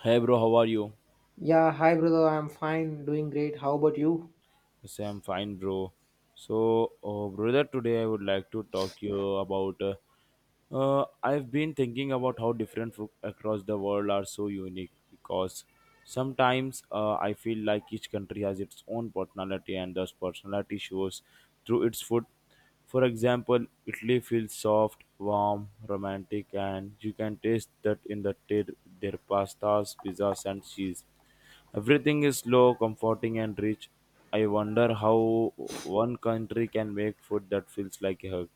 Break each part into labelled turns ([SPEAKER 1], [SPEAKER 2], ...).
[SPEAKER 1] Hey bro, how are you?
[SPEAKER 2] Yeah, hi brother, I'm fine, doing great. How about you?
[SPEAKER 1] I say I'm fine, bro. So, brother, today I would like to talk you about. I've been thinking about how different food across the world are so unique because sometimes I feel like each country has its own personality and thus personality shows through its food. For example, Italy feels soft, warm, romantic, and you can taste that in the their pastas, pizzas, and cheese. Everything is slow, comforting, and rich. I wonder how one country can make food that feels like a hug.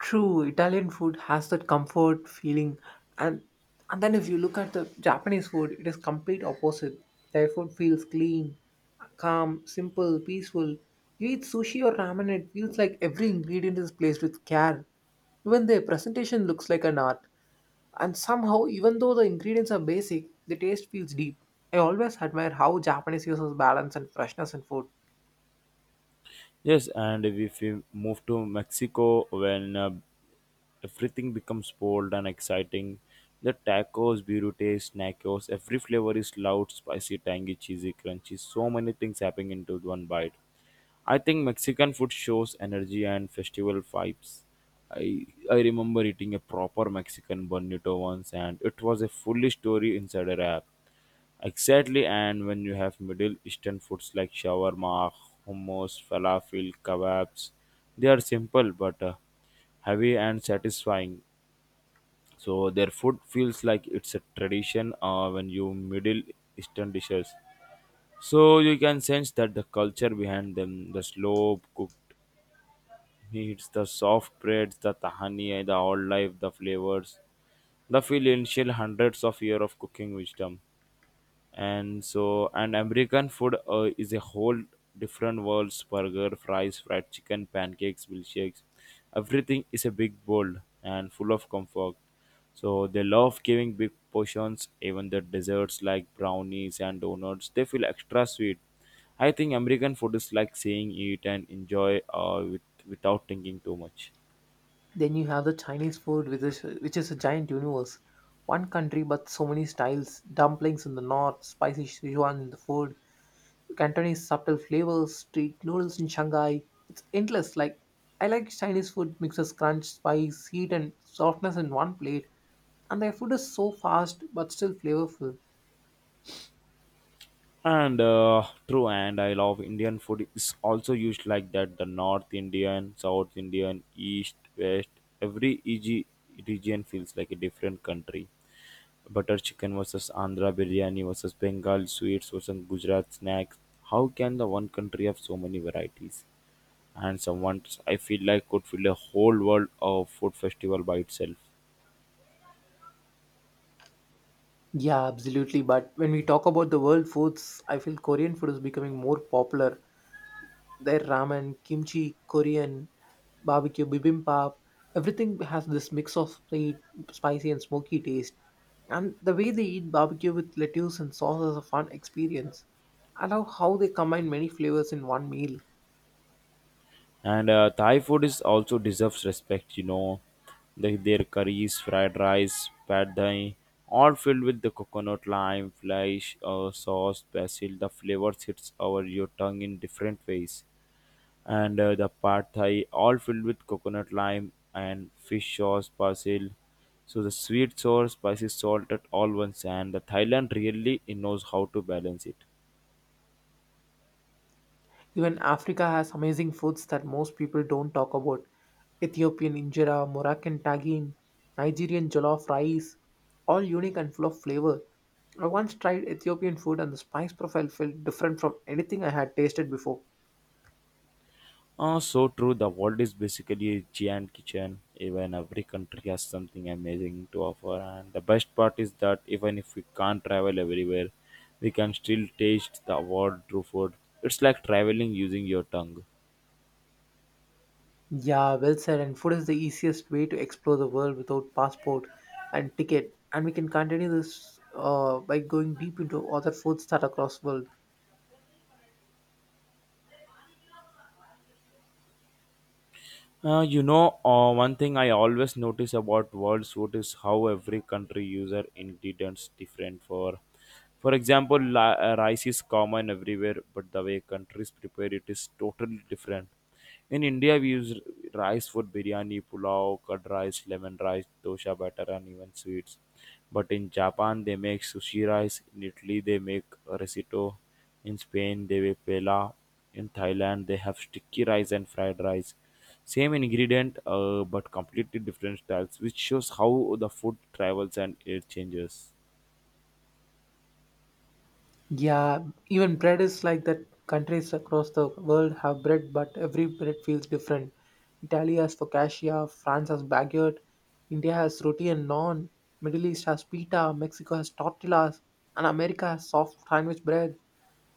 [SPEAKER 2] True, Italian food has that comfort feeling, and and then if you look at the Japanese food, it is complete opposite. Their food feels clean, calm, simple, peaceful. You eat sushi or ramen, it feels like every ingredient is placed with care. Even their presentation looks like an art, and somehow, even though the ingredients are basic, the taste feels deep. I always admire how Japanese uses balance and freshness in food.
[SPEAKER 1] Yes, and if we move to Mexico, when everything becomes bold and exciting. The tacos, burritos, nachos, every flavor is loud, spicy, tangy, cheesy, crunchy. So many things happening into one bite. I think Mexican food shows energy and festival vibes. I remember eating a proper Mexican bonito once, and it was a fully story inside a wrap. Exactly, and when you have Middle Eastern foods like shawarma, hummus, falafel, kebabs, they are simple but heavy and satisfying. So their food feels like it's a tradition when you Middle Eastern dishes. So you can sense that the culture behind them, the slow cooked meats, the soft breads, the tahani, the whole life, the flavors, the feel hundreds of years of cooking wisdom. And american food is a whole different world, burger, fries, fried chicken, pancakes, milkshakes, everything is a big bowl and full of comfort. So they love giving big portions, even the desserts like brownies and donuts, they feel extra sweet. I think american food is like saying eat and enjoy with, without thinking too much.
[SPEAKER 2] Then you have the Chinese food, which is a giant universe. One country, but so many styles. Dumplings in the north, spicy Sichuan in the food, Cantonese subtle flavors, street noodles in Shanghai. It's endless. Like I like Chinese food mixes crunch, spice, heat, and softness in one plate. And their food is so fast but still flavorful.
[SPEAKER 1] And true, and I love Indian food is also used like that. The North Indian, South Indian, East, West, every EG region feels like a different country. Butter chicken versus Andhra biryani versus Bengal sweets versus Gujarat snacks. How can the one country have so many varieties? And someone I feel like could fill a whole world of food festival by itself.
[SPEAKER 2] Yeah, absolutely. But when we talk about the world foods, I feel Korean food is becoming more popular. Their ramen, kimchi, Korean barbecue, bibimbap, everything has this mix of sweet, spicy, and smoky taste. And the way they eat barbecue with lettuce and sauce is a fun experience. I love how they combine many flavors in one meal.
[SPEAKER 1] And Thai food is also deserves respect, you know. Their curries, fried rice, pad thai, all filled with the coconut, lime, flesh, sauce, basil. The flavors hits over your tongue in different ways. And the pad thai, all filled with coconut, lime, and fish sauce, basil. So the sweet sour, spicy, salted, all once. And the Thailand really knows how to balance it.
[SPEAKER 2] Even Africa has amazing foods that most people don't talk about. Ethiopian injera, Moroccan tagine, Nigerian jollof rice, all unique and full of flavor. I once tried Ethiopian food and the spice profile felt different from anything I had tasted before.
[SPEAKER 1] So true. The world is basically a giant kitchen. Even every country has something amazing to offer. And the best part is that even if we can't travel everywhere, we can still taste the world through food. It's like traveling using your tongue.
[SPEAKER 2] Yeah, well said. And food is the easiest way to explore the world without passport and ticket. And we can continue this by going deep into other foods that across world.
[SPEAKER 1] One thing I always notice about world suit is how every country user ingredients different for. For example, rice is common everywhere, but the way countries prepare it is totally different. In India, we use rice for biryani, pulao, curd rice, lemon rice, dosha batter, and even sweets. But in Japan, they make sushi rice. In Italy, they make risotto. In Spain, they make pela. In Thailand, they have sticky rice and fried rice. Same ingredient, but completely different styles, which shows how the food travels and it changes.
[SPEAKER 2] Yeah, even bread is like that. Countries across the world have bread, but every bread feels different. Italy has focaccia, France has baguette, India has roti and naan, Middle East has pita, Mexico has tortillas, and America has soft sandwich bread.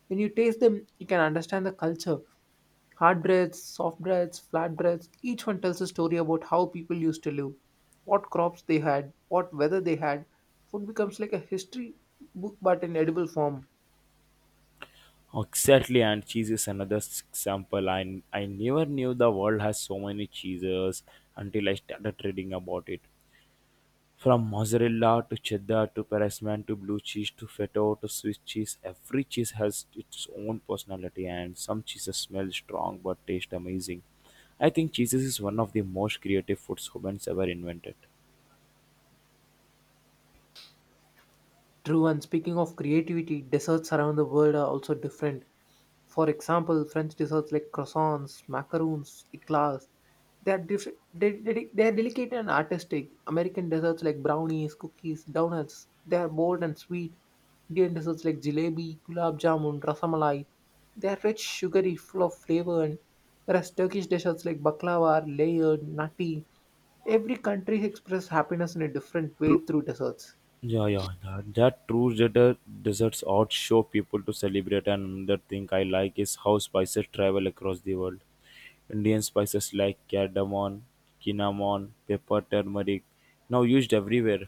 [SPEAKER 2] When you taste them, you can understand the culture. Hard breads, soft breads, flat breads, each one tells a story about how people used to live, what crops they had, what weather they had. Food becomes like a history book, but in edible form.
[SPEAKER 1] Exactly, and cheese is another example. I never knew the world has so many cheeses until I started reading about it. From mozzarella to cheddar to parmesan to blue cheese to feta to Swiss cheese, every cheese has its own personality, and some cheeses smell strong but taste amazing. I think cheeses is one of the most creative foods humans ever invented.
[SPEAKER 2] True, and speaking of creativity, desserts around the world are also different. For example, French desserts like croissants, macaroons, eclairs, they are different. They are delicate and artistic. American desserts like brownies, cookies, donuts, they are bold and sweet. Indian desserts like jalebi, gulab jamun, rasamalai, they are rich, sugary, full of flavor. And whereas Turkish desserts like baklava are layered, nutty. Every country expresses happiness in a different way through desserts.
[SPEAKER 1] Yeah, yeah, that true desert, deserts out show people to celebrate. And the thing I like is how spices travel across the world. Indian spices like cardamom, cinnamon, pepper, turmeric, now used everywhere.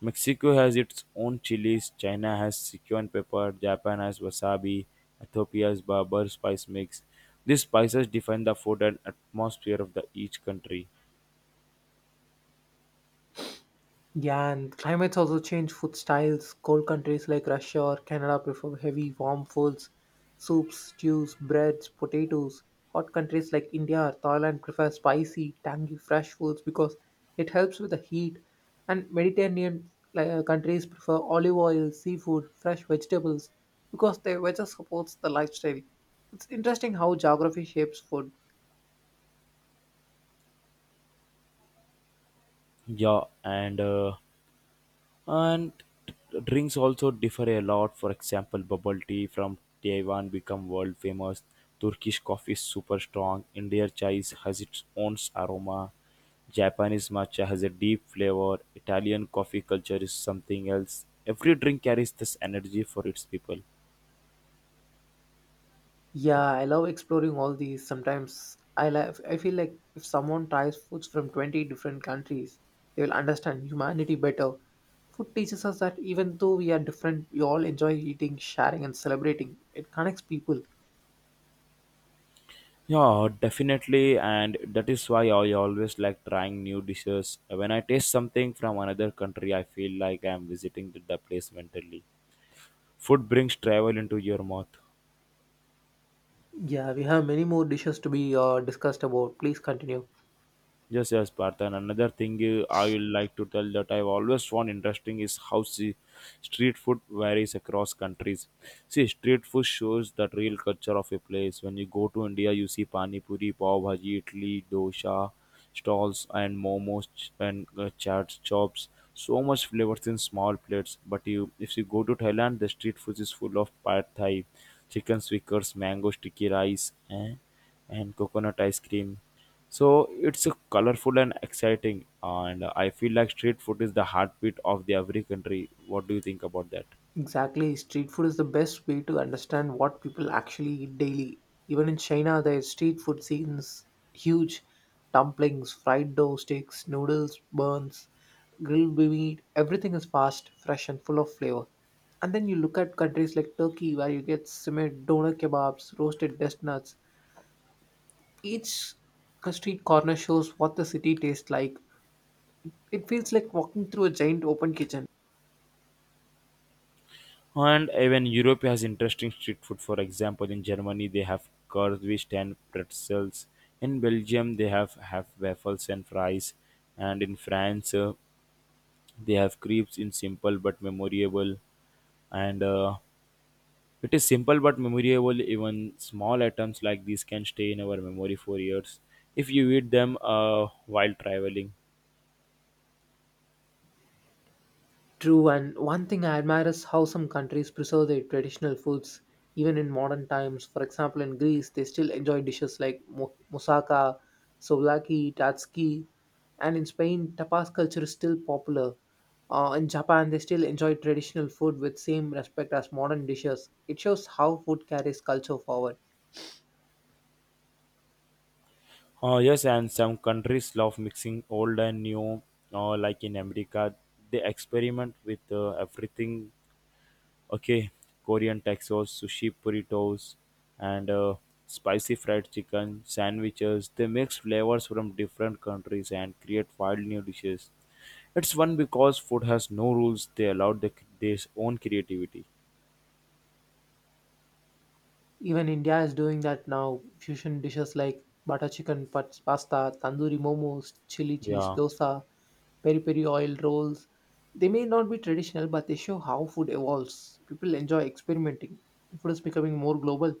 [SPEAKER 1] Mexico has its own chilies, China has Sichuan pepper, Japan has wasabi, Ethiopia has barber spice mix. These spices define the food and atmosphere of the each country.
[SPEAKER 2] Yeah, and climates also change food styles. Cold countries like Russia or Canada prefer heavy, warm foods, soups, stews, breads, potatoes. Hot countries like India or Thailand prefer spicy, tangy, fresh foods because it helps with the heat. And Mediterranean like, countries prefer olive oil, seafood, fresh vegetables because their weather supports the lifestyle. It's interesting how geography shapes food.
[SPEAKER 1] Yeah, and drinks also differ a lot. For example, bubble tea from Taiwan become world famous, turkish coffee is super strong, indian chai has its own aroma, japanese matcha has a deep flavor, italian coffee culture is something else. Every drink carries this energy for its people.
[SPEAKER 2] Yeah, I love exploring all these. Sometimes I love, I feel like if someone tries foods from 20 different countries, they will understand humanity better. Food teaches us that even though we are different, we all enjoy eating, sharing, and celebrating. It connects people.
[SPEAKER 1] Yeah, definitely, and that is why I always like trying new dishes. When I taste something from another country, I feel like I am visiting the place mentally. Food brings travel into your mouth.
[SPEAKER 2] Yeah, we have many more dishes to be discussed about. Please continue.
[SPEAKER 1] Yes, yes, Partha. And another thing I would like to tell that I've always found interesting is how see, street food varies across countries. See, street food shows that real culture of a place. When you go to India, you see pani puri, pav bhaji, idli, dosa stalls and momos and chaat chops. So much flavors in small plates. But you, if you go to Thailand, the street food is full of pad thai, chicken stickers, mango sticky rice, and coconut ice cream. So it's colorful and exciting, and I feel like street food is the heartbeat of the every country. What do you think about that?
[SPEAKER 2] Exactly. Street food is the best way to understand what people actually eat daily. Even in China, their street food scenes huge dumplings, fried dough sticks, noodles, buns, grilled meat. Everything is fast, fresh, and full of flavor. And then you look at countries like Turkey, where you get simmered doner kebabs, roasted chestnuts. Each street corner shows what the city tastes like. It feels like walking through a giant open kitchen.
[SPEAKER 1] And even Europe has interesting street food. For example, in Germany they have currywurst and pretzels. In Belgium they have waffles and fries, and in France they have crepes in simple but memorable. And It is simple but memorable. Even small items like these can stay in our memory for years if you eat them while traveling.
[SPEAKER 2] True, and one thing I admire is how some countries preserve their traditional foods even in modern times. For example, in Greece, they still enjoy dishes like moussaka, souvlaki, tatsuki, and in Spain, tapas culture is still popular. In Japan, they still enjoy traditional food with same respect as modern dishes. It shows how food carries culture forward.
[SPEAKER 1] Yes, and some countries love mixing old and new, like in America, they experiment with everything. Okay, Korean tacos, sushi burritos, and spicy fried chicken sandwiches. They mix flavors from different countries and create wild new dishes. It's fun because food has no rules. They allow their own creativity.
[SPEAKER 2] Even India is doing that now. Fusion dishes like butter chicken, pasta, tandoori momos, chili cheese,
[SPEAKER 1] Yeah.
[SPEAKER 2] dosa, peri peri oil rolls. They may not be traditional, but they show how food evolves. People enjoy experimenting. Food is becoming more global.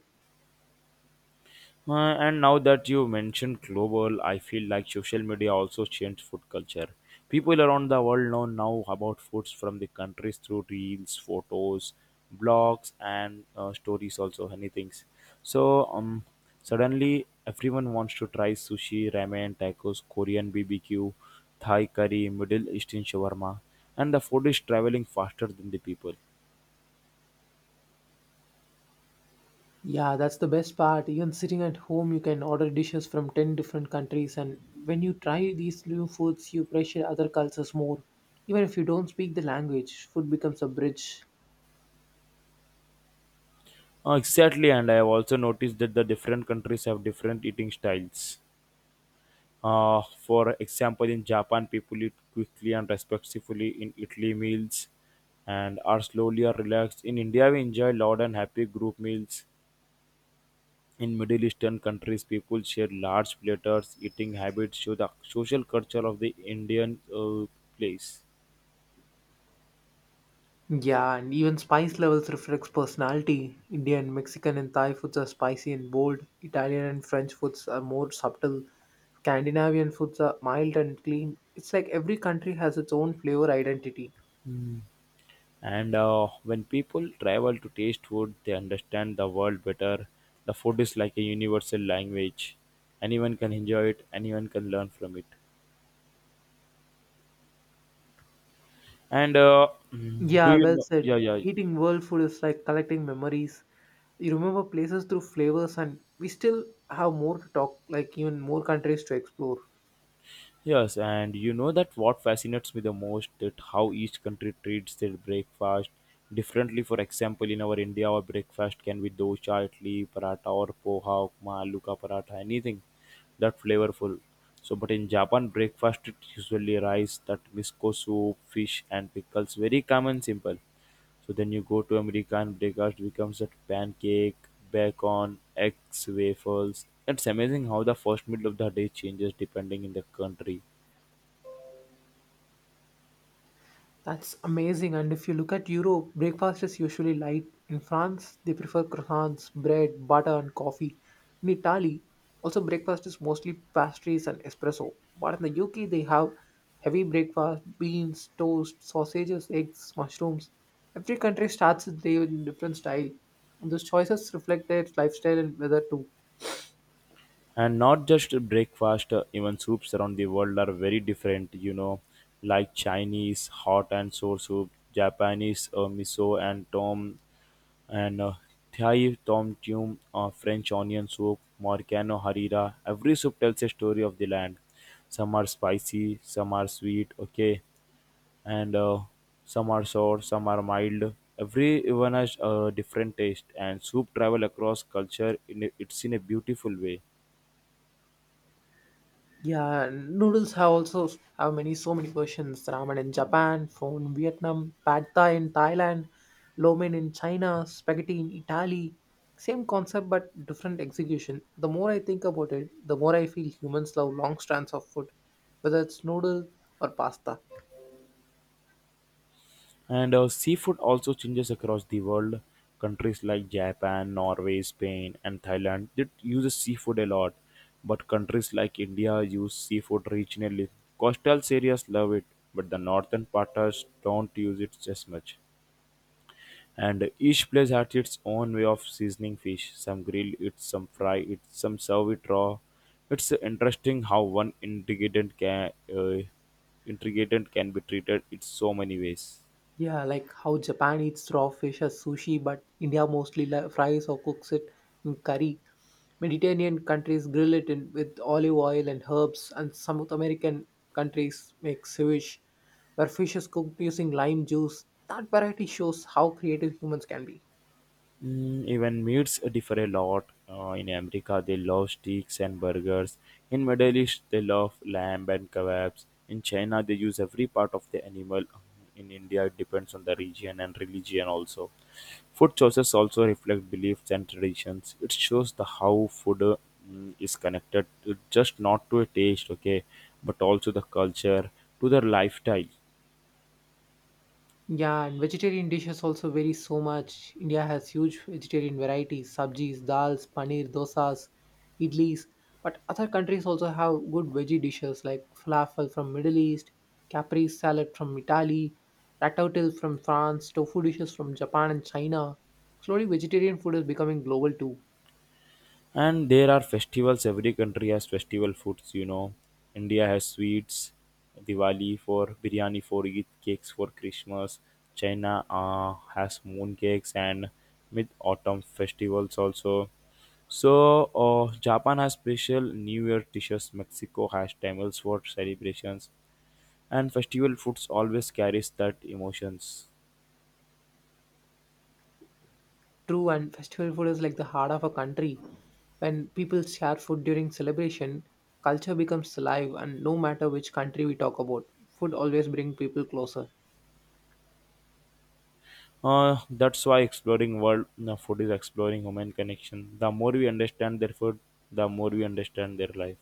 [SPEAKER 1] And now that you mentioned global, I feel like social media also changed food culture. People around the world know now about foods from the countries through reels, photos, blogs, and stories, also any things. So suddenly everyone wants to try sushi, ramen, tacos, Korean BBQ, Thai curry, Middle Eastern shawarma, and the food is traveling faster than the people.
[SPEAKER 2] Yeah, that's the best part. Even sitting at home, you can order dishes from 10 different countries, and when you try these new foods, you appreciate other cultures more. Even if you don't speak the language, food becomes a bridge.
[SPEAKER 1] Exactly, and I have also noticed that the different countries have different eating styles. For example, in Japan, people eat quickly and respectfully. In Italy, meals and are slowly or relaxed. In India, we enjoy loud and happy group meals. In Middle Eastern countries, people share large platters. Eating habits show the social culture of the Indian place.
[SPEAKER 2] Yeah, and even spice levels reflects personality. Indian, Mexican, and Thai foods are spicy and bold. Italian and French foods are more subtle. Scandinavian foods are mild and clean. It's like every country has its own flavor identity.
[SPEAKER 1] And when people travel to taste food, they understand the world better. The food is like a universal language. Anyone can enjoy it. Anyone can learn from it. And uh, do
[SPEAKER 2] Yeah,
[SPEAKER 1] you
[SPEAKER 2] well
[SPEAKER 1] know? Yeah,
[SPEAKER 2] said.
[SPEAKER 1] yeah,
[SPEAKER 2] Eating world food is like collecting memories. You remember places through flavors, and we still have more to talk, like even more countries to explore.
[SPEAKER 1] yes. And you know that what fascinates me the most that how each country treats their breakfast differently. For example, in our India, our breakfast can be dosa, idli, paratha, or poha, upma, aloo ka paratha, anything that flavorful. So, but in Japan, breakfast is usually rice, that miso soup, fish, and pickles. Very common, simple. So then you go to American breakfast becomes that pancake, bacon, eggs, waffles. It's amazing how the first meal of the day changes depending in the country.
[SPEAKER 2] That's amazing. And if you look at Europe, breakfast is usually light. In France, they prefer croissants, bread, butter, and coffee. In Italy, also breakfast is mostly pastries and espresso. But in the UK, they have heavy breakfast, beans, toast, sausages, eggs, mushrooms. Every country starts its day in different style. Those choices reflect their lifestyle and weather too.
[SPEAKER 1] And not just breakfast, even soups around the world are very different, you know, like Chinese hot and sour soup, Japanese miso and tom, and Thai tom yum, French onion soup, Morcano harira. Every soup tells a story of the land. Some are spicy, some are sweet, okay, and some are sour, some are mild. Everyone has a different taste, and soup travel across culture. It's in a beautiful way.
[SPEAKER 2] Yeah, noodles have also have many so many versions. Ramen in Japan, pho in Vietnam, pad thai in Thailand, lo mein in China, spaghetti in Italy. Same concept but different execution. The more I think about it, the more I feel humans love long strands of food, whether it's noodle or pasta.
[SPEAKER 1] And seafood also changes across the world. Countries like Japan, Norway, Spain, and Thailand that uses seafood a lot, but countries like India use seafood regionally. Coastal areas love it, but the northern parts don't use it as much. And each place had its own way of seasoning fish. Some grill it, some fry it, some serve it raw. It's interesting how one ingredient can be treated in so many ways.
[SPEAKER 2] Yeah, like how Japan eats raw fish as sushi, but India mostly fries or cooks it in curry. Mediterranean countries grill it in with olive oil and herbs, and South American countries make ceviche, where fish is cooked using lime juice. That variety shows how creative humans can be.
[SPEAKER 1] Mm, even meats differ a lot. In America, they love steaks and burgers. In Middle East, they love lamb and kebabs. In China, they use every part of the animal. In India, it depends on the region and religion also. Food choices also reflect beliefs and traditions. It shows the how food is connected, to, just not to a taste, okay, but also the culture, to the lifestyle.
[SPEAKER 2] Yeah, and vegetarian dishes also vary so much. India has huge vegetarian varieties, sabjis, dals, paneer, dosas, idlis. But other countries also have good veggie dishes like falafel from Middle East, caprese salad from Italy, ratatouille from France, tofu dishes from Japan and China. Slowly, vegetarian food is becoming global too.
[SPEAKER 1] And there are festivals. Every country has festival foods. You know, India has sweets, Diwali for biryani for Eid, cakes for Christmas. China has moon cakes and mid autumn festivals also. So Japan has special New Year dishes. Mexico has tamales for celebrations, and festival foods always carries that emotions.
[SPEAKER 2] True, and festival food is like the heart of a country. When people share food during celebration, culture becomes alive, and no matter which country we talk about, food always brings people closer.
[SPEAKER 1] That's why exploring world food is exploring human connection. The more we understand their food, the more we understand their life.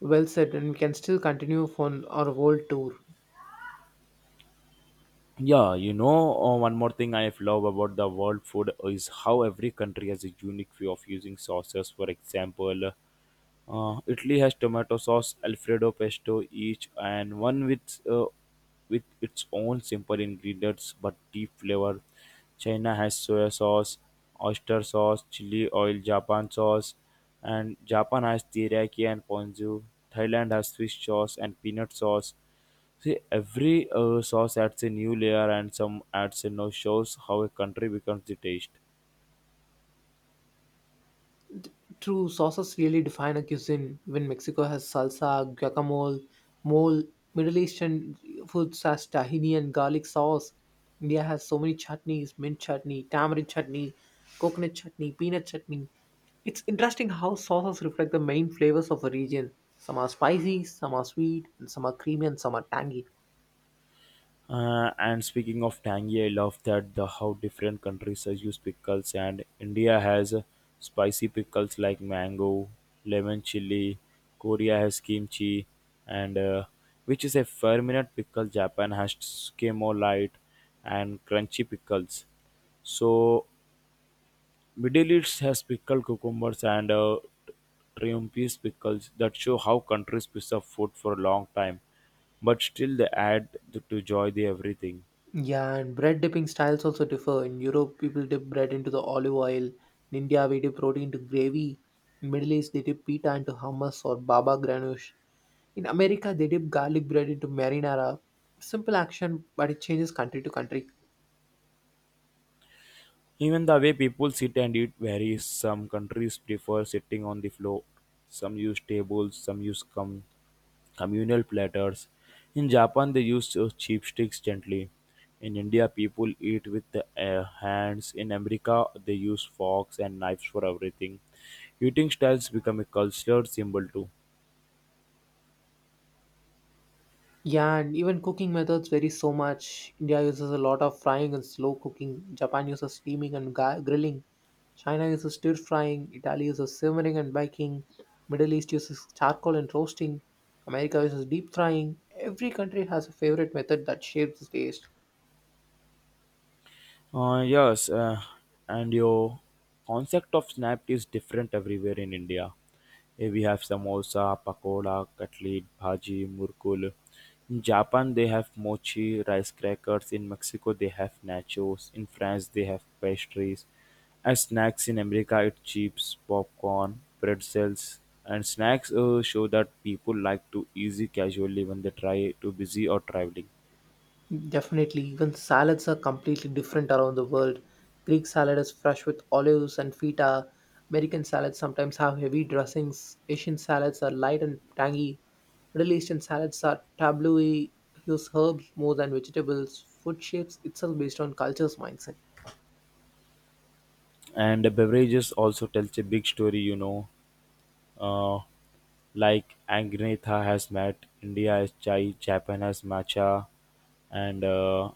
[SPEAKER 2] Well said, and we can still continue for our world tour.
[SPEAKER 1] Yeah, you know, one more thing I love about the world food is how every country has a unique way of using sauces. For example, Italy has tomato sauce, Alfredo pesto each, and one with with its own simple ingredients but deep flavor. China has soya sauce, oyster sauce, chili oil, Japan sauce, and Japan has teriyaki and ponzu. Thailand has fish sauce and peanut sauce. See, every sauce adds a new layer, and some adds a no shows how a country becomes the taste.
[SPEAKER 2] True, sauces really define a cuisine. Even Mexico has salsa, guacamole, mole. Middle Eastern foods has tahini and garlic sauce. India has so many chutneys: mint chutney, tamarind chutney, coconut chutney, peanut chutney. It's interesting how sauces reflect the main flavors of a region. Some are spicy, some are sweet, and some are creamy, and some are tangy.
[SPEAKER 1] And speaking of tangy, I love that the how different countries use pickles, and India has spicy pickles like mango, lemon chili. Korea has kimchi, and which is a fermented pickle. Japan has skimo light and crunchy pickles. So Middle East has pickled cucumbers and triumphs pickles that show how countries preserve food for a long time, but still they add to joy the everything.
[SPEAKER 2] Yeah, and bread dipping styles also differ. In Europe, people dip bread into the olive oil. In India, we dip roti into gravy. In Middle East, they dip pita into hummus or baba ghanoush. In America, they dip garlic bread into marinara. Simple action, but it changes country to country.
[SPEAKER 1] Even the way people sit and eat varies. Some countries prefer sitting on the floor, some use tables, some use communal platters. In Japan, they use chopsticks gently. In India, people eat with the hands. In America, they use forks and knives for everything. Eating styles become a cultural symbol too.
[SPEAKER 2] Yeah, and even cooking methods vary so much. India uses a lot of frying and slow cooking. Japan uses steaming and grilling. China uses stir frying. Italy uses simmering and baking. Middle East uses charcoal and roasting. America uses deep frying. Every country has a favorite method that shapes the taste.
[SPEAKER 1] Yes, and your concept of snap is different everywhere in India. Eh, we have samosa, pakoda, cutlet, bhaji, murkul. In Japan, they have mochi, rice crackers. In Mexico, they have nachos. In France, they have pastries. As snacks in America, it's chips, popcorn, pretzels, and snacks show that people like to easy casually when they try to busy or traveling.
[SPEAKER 2] Definitely, even salads are completely different around the world. Greek salad is fresh with olives and feta. American salads sometimes have heavy dressings. Asian salads are light and tangy. Middle Eastern salads are tabloidy, use herbs more than vegetables. Food shapes itself based on culture's mindset.
[SPEAKER 1] And the beverages also tells a big story, you know. Uh, like Angnetha has met India has chai, Japan has matcha, and uh,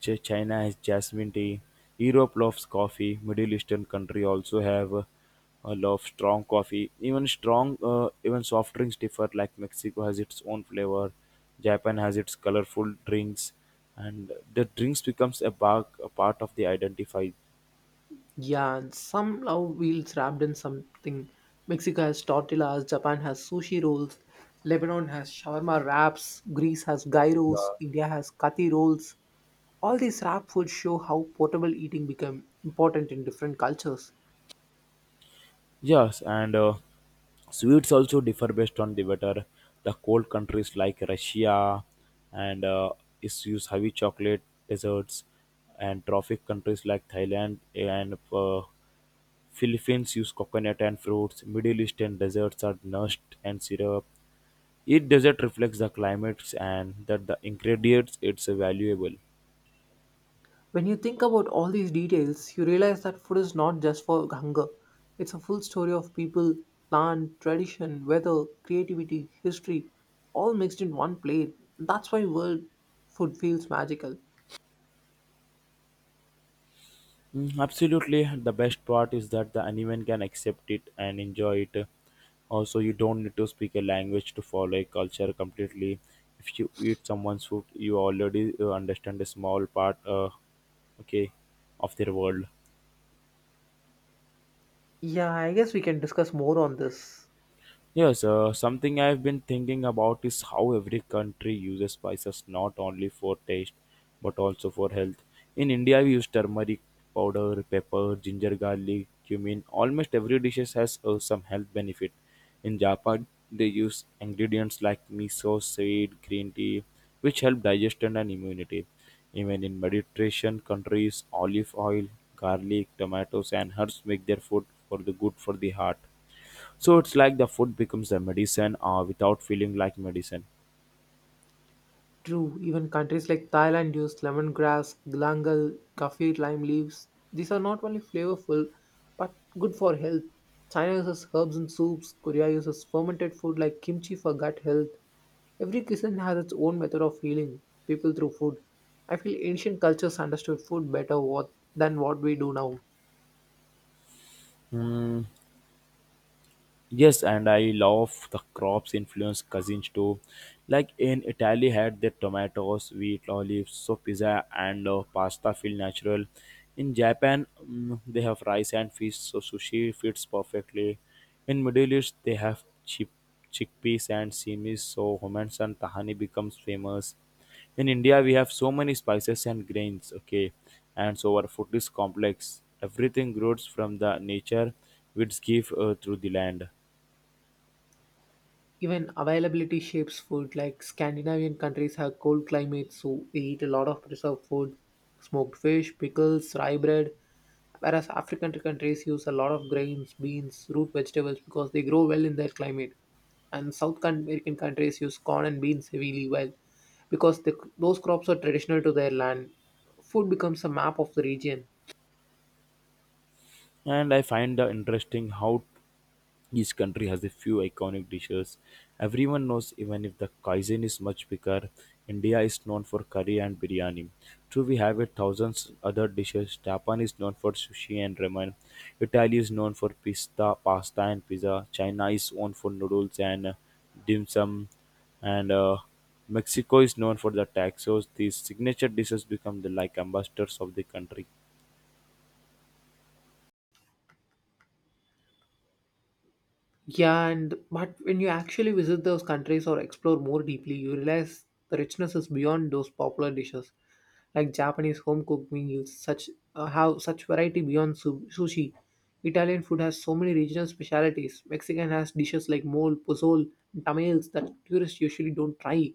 [SPEAKER 1] China has jasmine tea. Europe loves coffee. Middle Eastern country also have a love strong coffee. Even strong, even soft drinks differ. Like Mexico has its own flavor. Japan has its colorful drinks, and the drinks becomes a, a part of the identify.
[SPEAKER 2] Yeah, and some love wheels wrapped in something. Mexico has tortillas, Japan has sushi rolls, Lebanon has shawarma wraps, Greece has gyros,
[SPEAKER 1] Yeah.
[SPEAKER 2] India has kathi rolls. All these rap foods show how portable eating became important in different cultures.
[SPEAKER 1] Yes, and sweets also differ based on the weather. The cold countries like Russia and is use heavy chocolate desserts, and tropic countries like Thailand and Philippines use coconut and fruits. Middle Eastern desserts are nushed and syrup. Each dessert reflects the climates and that the ingredients it's valuable.
[SPEAKER 2] When you think about all these details, you realize that food is not just for hunger. It's a full story of people, land, tradition, weather, creativity, history, all mixed in one plate. That's why world food feels magical.
[SPEAKER 1] Mm, absolutely. The best part is that the anyone can accept it and enjoy it. Also, you don't need to speak a language to follow a culture completely. If you eat someone's food, you already understand a small part, okay, of their world.
[SPEAKER 2] Yeah, I guess we can discuss more on this.
[SPEAKER 1] Yes, something I've been thinking about is how every country uses spices not only for taste but also for health. In India, we use turmeric powder, pepper, ginger, garlic, cumin. Almost every dish has some health benefit. In Japan, they use ingredients like miso, seed, green tea, which help digestion and immunity. Even in Mediterranean countries, olive oil, garlic, tomatoes, and herbs make their food for the good for the heart. So it's like the food becomes a medicine without feeling like medicine.
[SPEAKER 2] True, even countries like Thailand use lemongrass, galangal, kaffir lime leaves. These are not only flavorful but good for health. China uses herbs in soups, Korea uses fermented food like kimchi for gut health. Every cuisine has its own method of healing people through food. I feel ancient cultures understood food better what, than what we do now.
[SPEAKER 1] Hmm, yes, and I love the crops influence cousins too. Like in Italy, had the tomatoes, wheat, olives, so pizza and pasta feel natural. In Japan, they have rice and fish, so sushi fits perfectly. In Middle East, they have chickpeas and semis, so hummus and tahini becomes famous. In India, we have so many spices and grains. Okay, and so our food is complex. Everything grows from the nature which give through the land.
[SPEAKER 2] Even availability shapes food, like Scandinavian countries have cold climates, so they eat a lot of preserved food smoked fish, pickles, rye bread. Whereas African countries use a lot of grains, beans, root vegetables because they grow well in their climate. And South American countries use corn and beans heavily well because the, those crops are traditional to their land. Food becomes a map of the region.
[SPEAKER 1] And I find the interesting how each country has a few iconic dishes. Everyone knows even if the cuisine is much bigger. India is known for curry and biryani. True, we have a thousands other dishes. Japan is known for sushi and ramen. Italy is known for pista, pasta and pizza. China is known for noodles and dim sum. And Mexico is known for the tacos. These signature dishes become the like ambassadors of the country.
[SPEAKER 2] Yeah, and but when you actually visit those countries or explore more deeply, you realize the richness is beyond those popular dishes. Like Japanese home cooked meals, such have such variety beyond sushi. Italian food has so many regional specialities. Mexican has dishes like mole, pozole, and tamales that tourists usually don't try.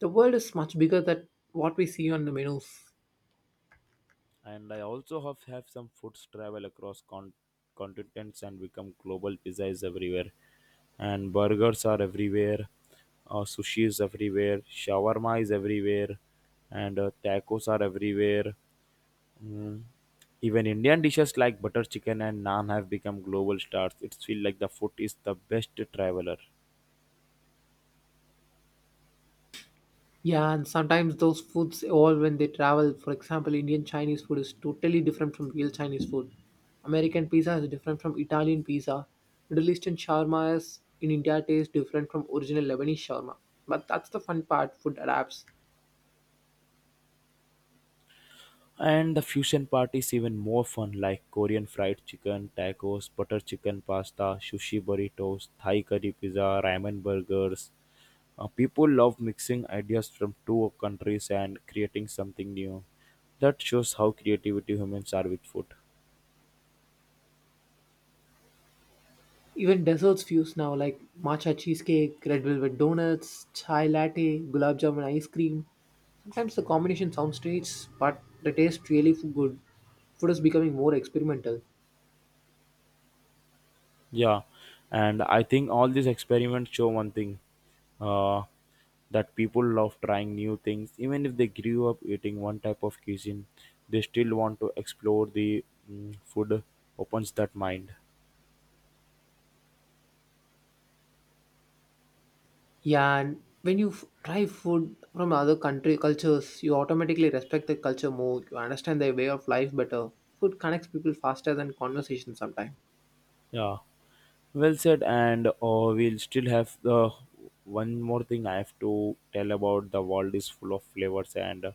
[SPEAKER 2] The world is much bigger than what we see on the menus.
[SPEAKER 1] And I also have some foods travel across continents and become global. Pizza is everywhere, and burgers are everywhere, sushi is everywhere, shawarma is everywhere, and tacos are everywhere. Mm. Even Indian dishes like butter chicken and naan have become global stars. It feels like the food is the best traveler.
[SPEAKER 2] Yeah, and sometimes those foods evolve when they travel. For example, Indian Chinese food is totally different from real Chinese food. American pizza is different from Italian pizza. Middle Eastern shawarma is in India tastes different from original Lebanese shawarma. But that's the fun part, food adapts.
[SPEAKER 1] And the fusion part is even more fun, like Korean fried chicken, tacos, butter chicken pasta, sushi burritos, Thai curry pizza, ramen burgers. People love mixing ideas from two countries and creating something new. That shows how creativity humans are with food.
[SPEAKER 2] Even desserts fuse now like matcha cheesecake, red velvet donuts, chai latte, gulab jamun ice cream. Sometimes the combination sounds strange, but the taste really good. Food is becoming more experimental.
[SPEAKER 1] Yeah, and I think all these experiments show one thing uh, that people love trying new things. Even if they grew up eating one type of cuisine, they still want to explore the food opens that mind.
[SPEAKER 2] Yeah, and when you try food from other country cultures, you automatically respect the culture more. You understand their way of life better. Food connects people faster than conversation sometimes.
[SPEAKER 1] Yeah, well said. And we'll still have the one more thing I have to tell about the world is full of flavors, and uh,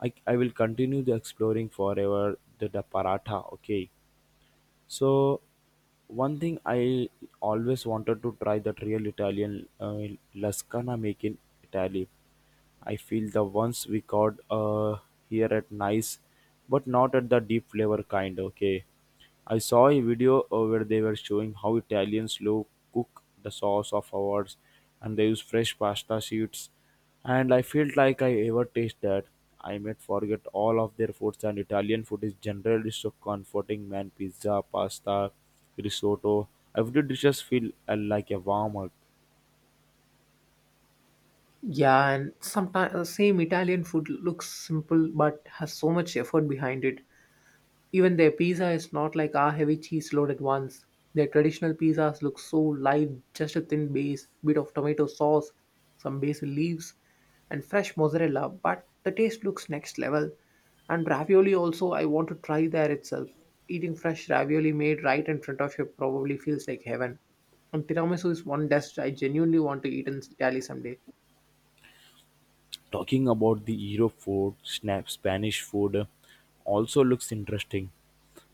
[SPEAKER 1] I, I will continue the exploring forever the paratha. Okay. So one thing I always wanted to try that real Italian lascana make in Italy. I feel the ones we got here at nice, but not at the deep flavor kind. Okay, I saw a video where they were showing how Italians slow cook the sauce of ours, and they use fresh pasta sheets and I felt like I ever taste that, I might forget all of their foods and Italian food is generally so comforting, man. Pizza, pasta, risotto, every dishes feel like a warm hug.
[SPEAKER 2] Yeah, and sometimes same Italian food looks simple but has so much effort behind it. Even their pizza is not like our heavy cheese loaded ones. Their traditional pizzas look so light, just a thin base, bit of tomato sauce, some basil leaves, and fresh mozzarella, but the taste looks next level. And ravioli also, I want to try there itself. Eating fresh ravioli made right in front of you probably feels like heaven. And tiramisu is one dish I genuinely want to eat in Italy someday.
[SPEAKER 1] Talking about the Europe food, snap Spanish food also looks interesting.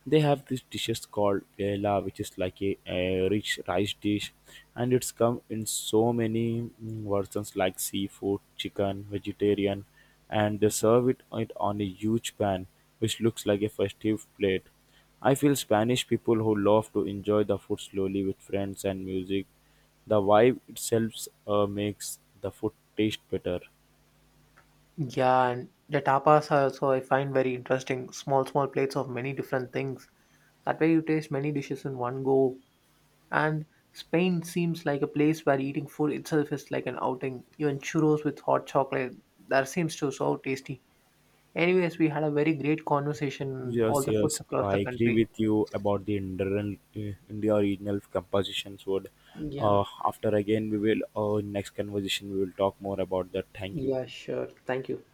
[SPEAKER 1] They have this dishes called paella, which is like a rich rice dish, and it's come in so many versions like seafood, chicken, vegetarian, and they serve it on a huge pan, which looks like a festive plate. I feel Spanish people who love to enjoy the food slowly with friends and music. The vibe itself makes the food taste better.
[SPEAKER 2] Yeah, and the tapas are also I find very interesting. Small, small plates of many different things. That way you taste many dishes in one go. And Spain seems like a place where eating food itself is like an outing. Even churros with hot chocolate, that seems to so tasty. Anyways, we had a very great conversation on all
[SPEAKER 1] Yes,
[SPEAKER 2] the foods
[SPEAKER 1] yes,
[SPEAKER 2] across the
[SPEAKER 1] I agree
[SPEAKER 2] country.
[SPEAKER 1] with you about the Indian India regional compositions. Would
[SPEAKER 2] Yeah,
[SPEAKER 1] after again we will next conversation we will talk more about that. Thank you.
[SPEAKER 2] yeah, sure. Thank you.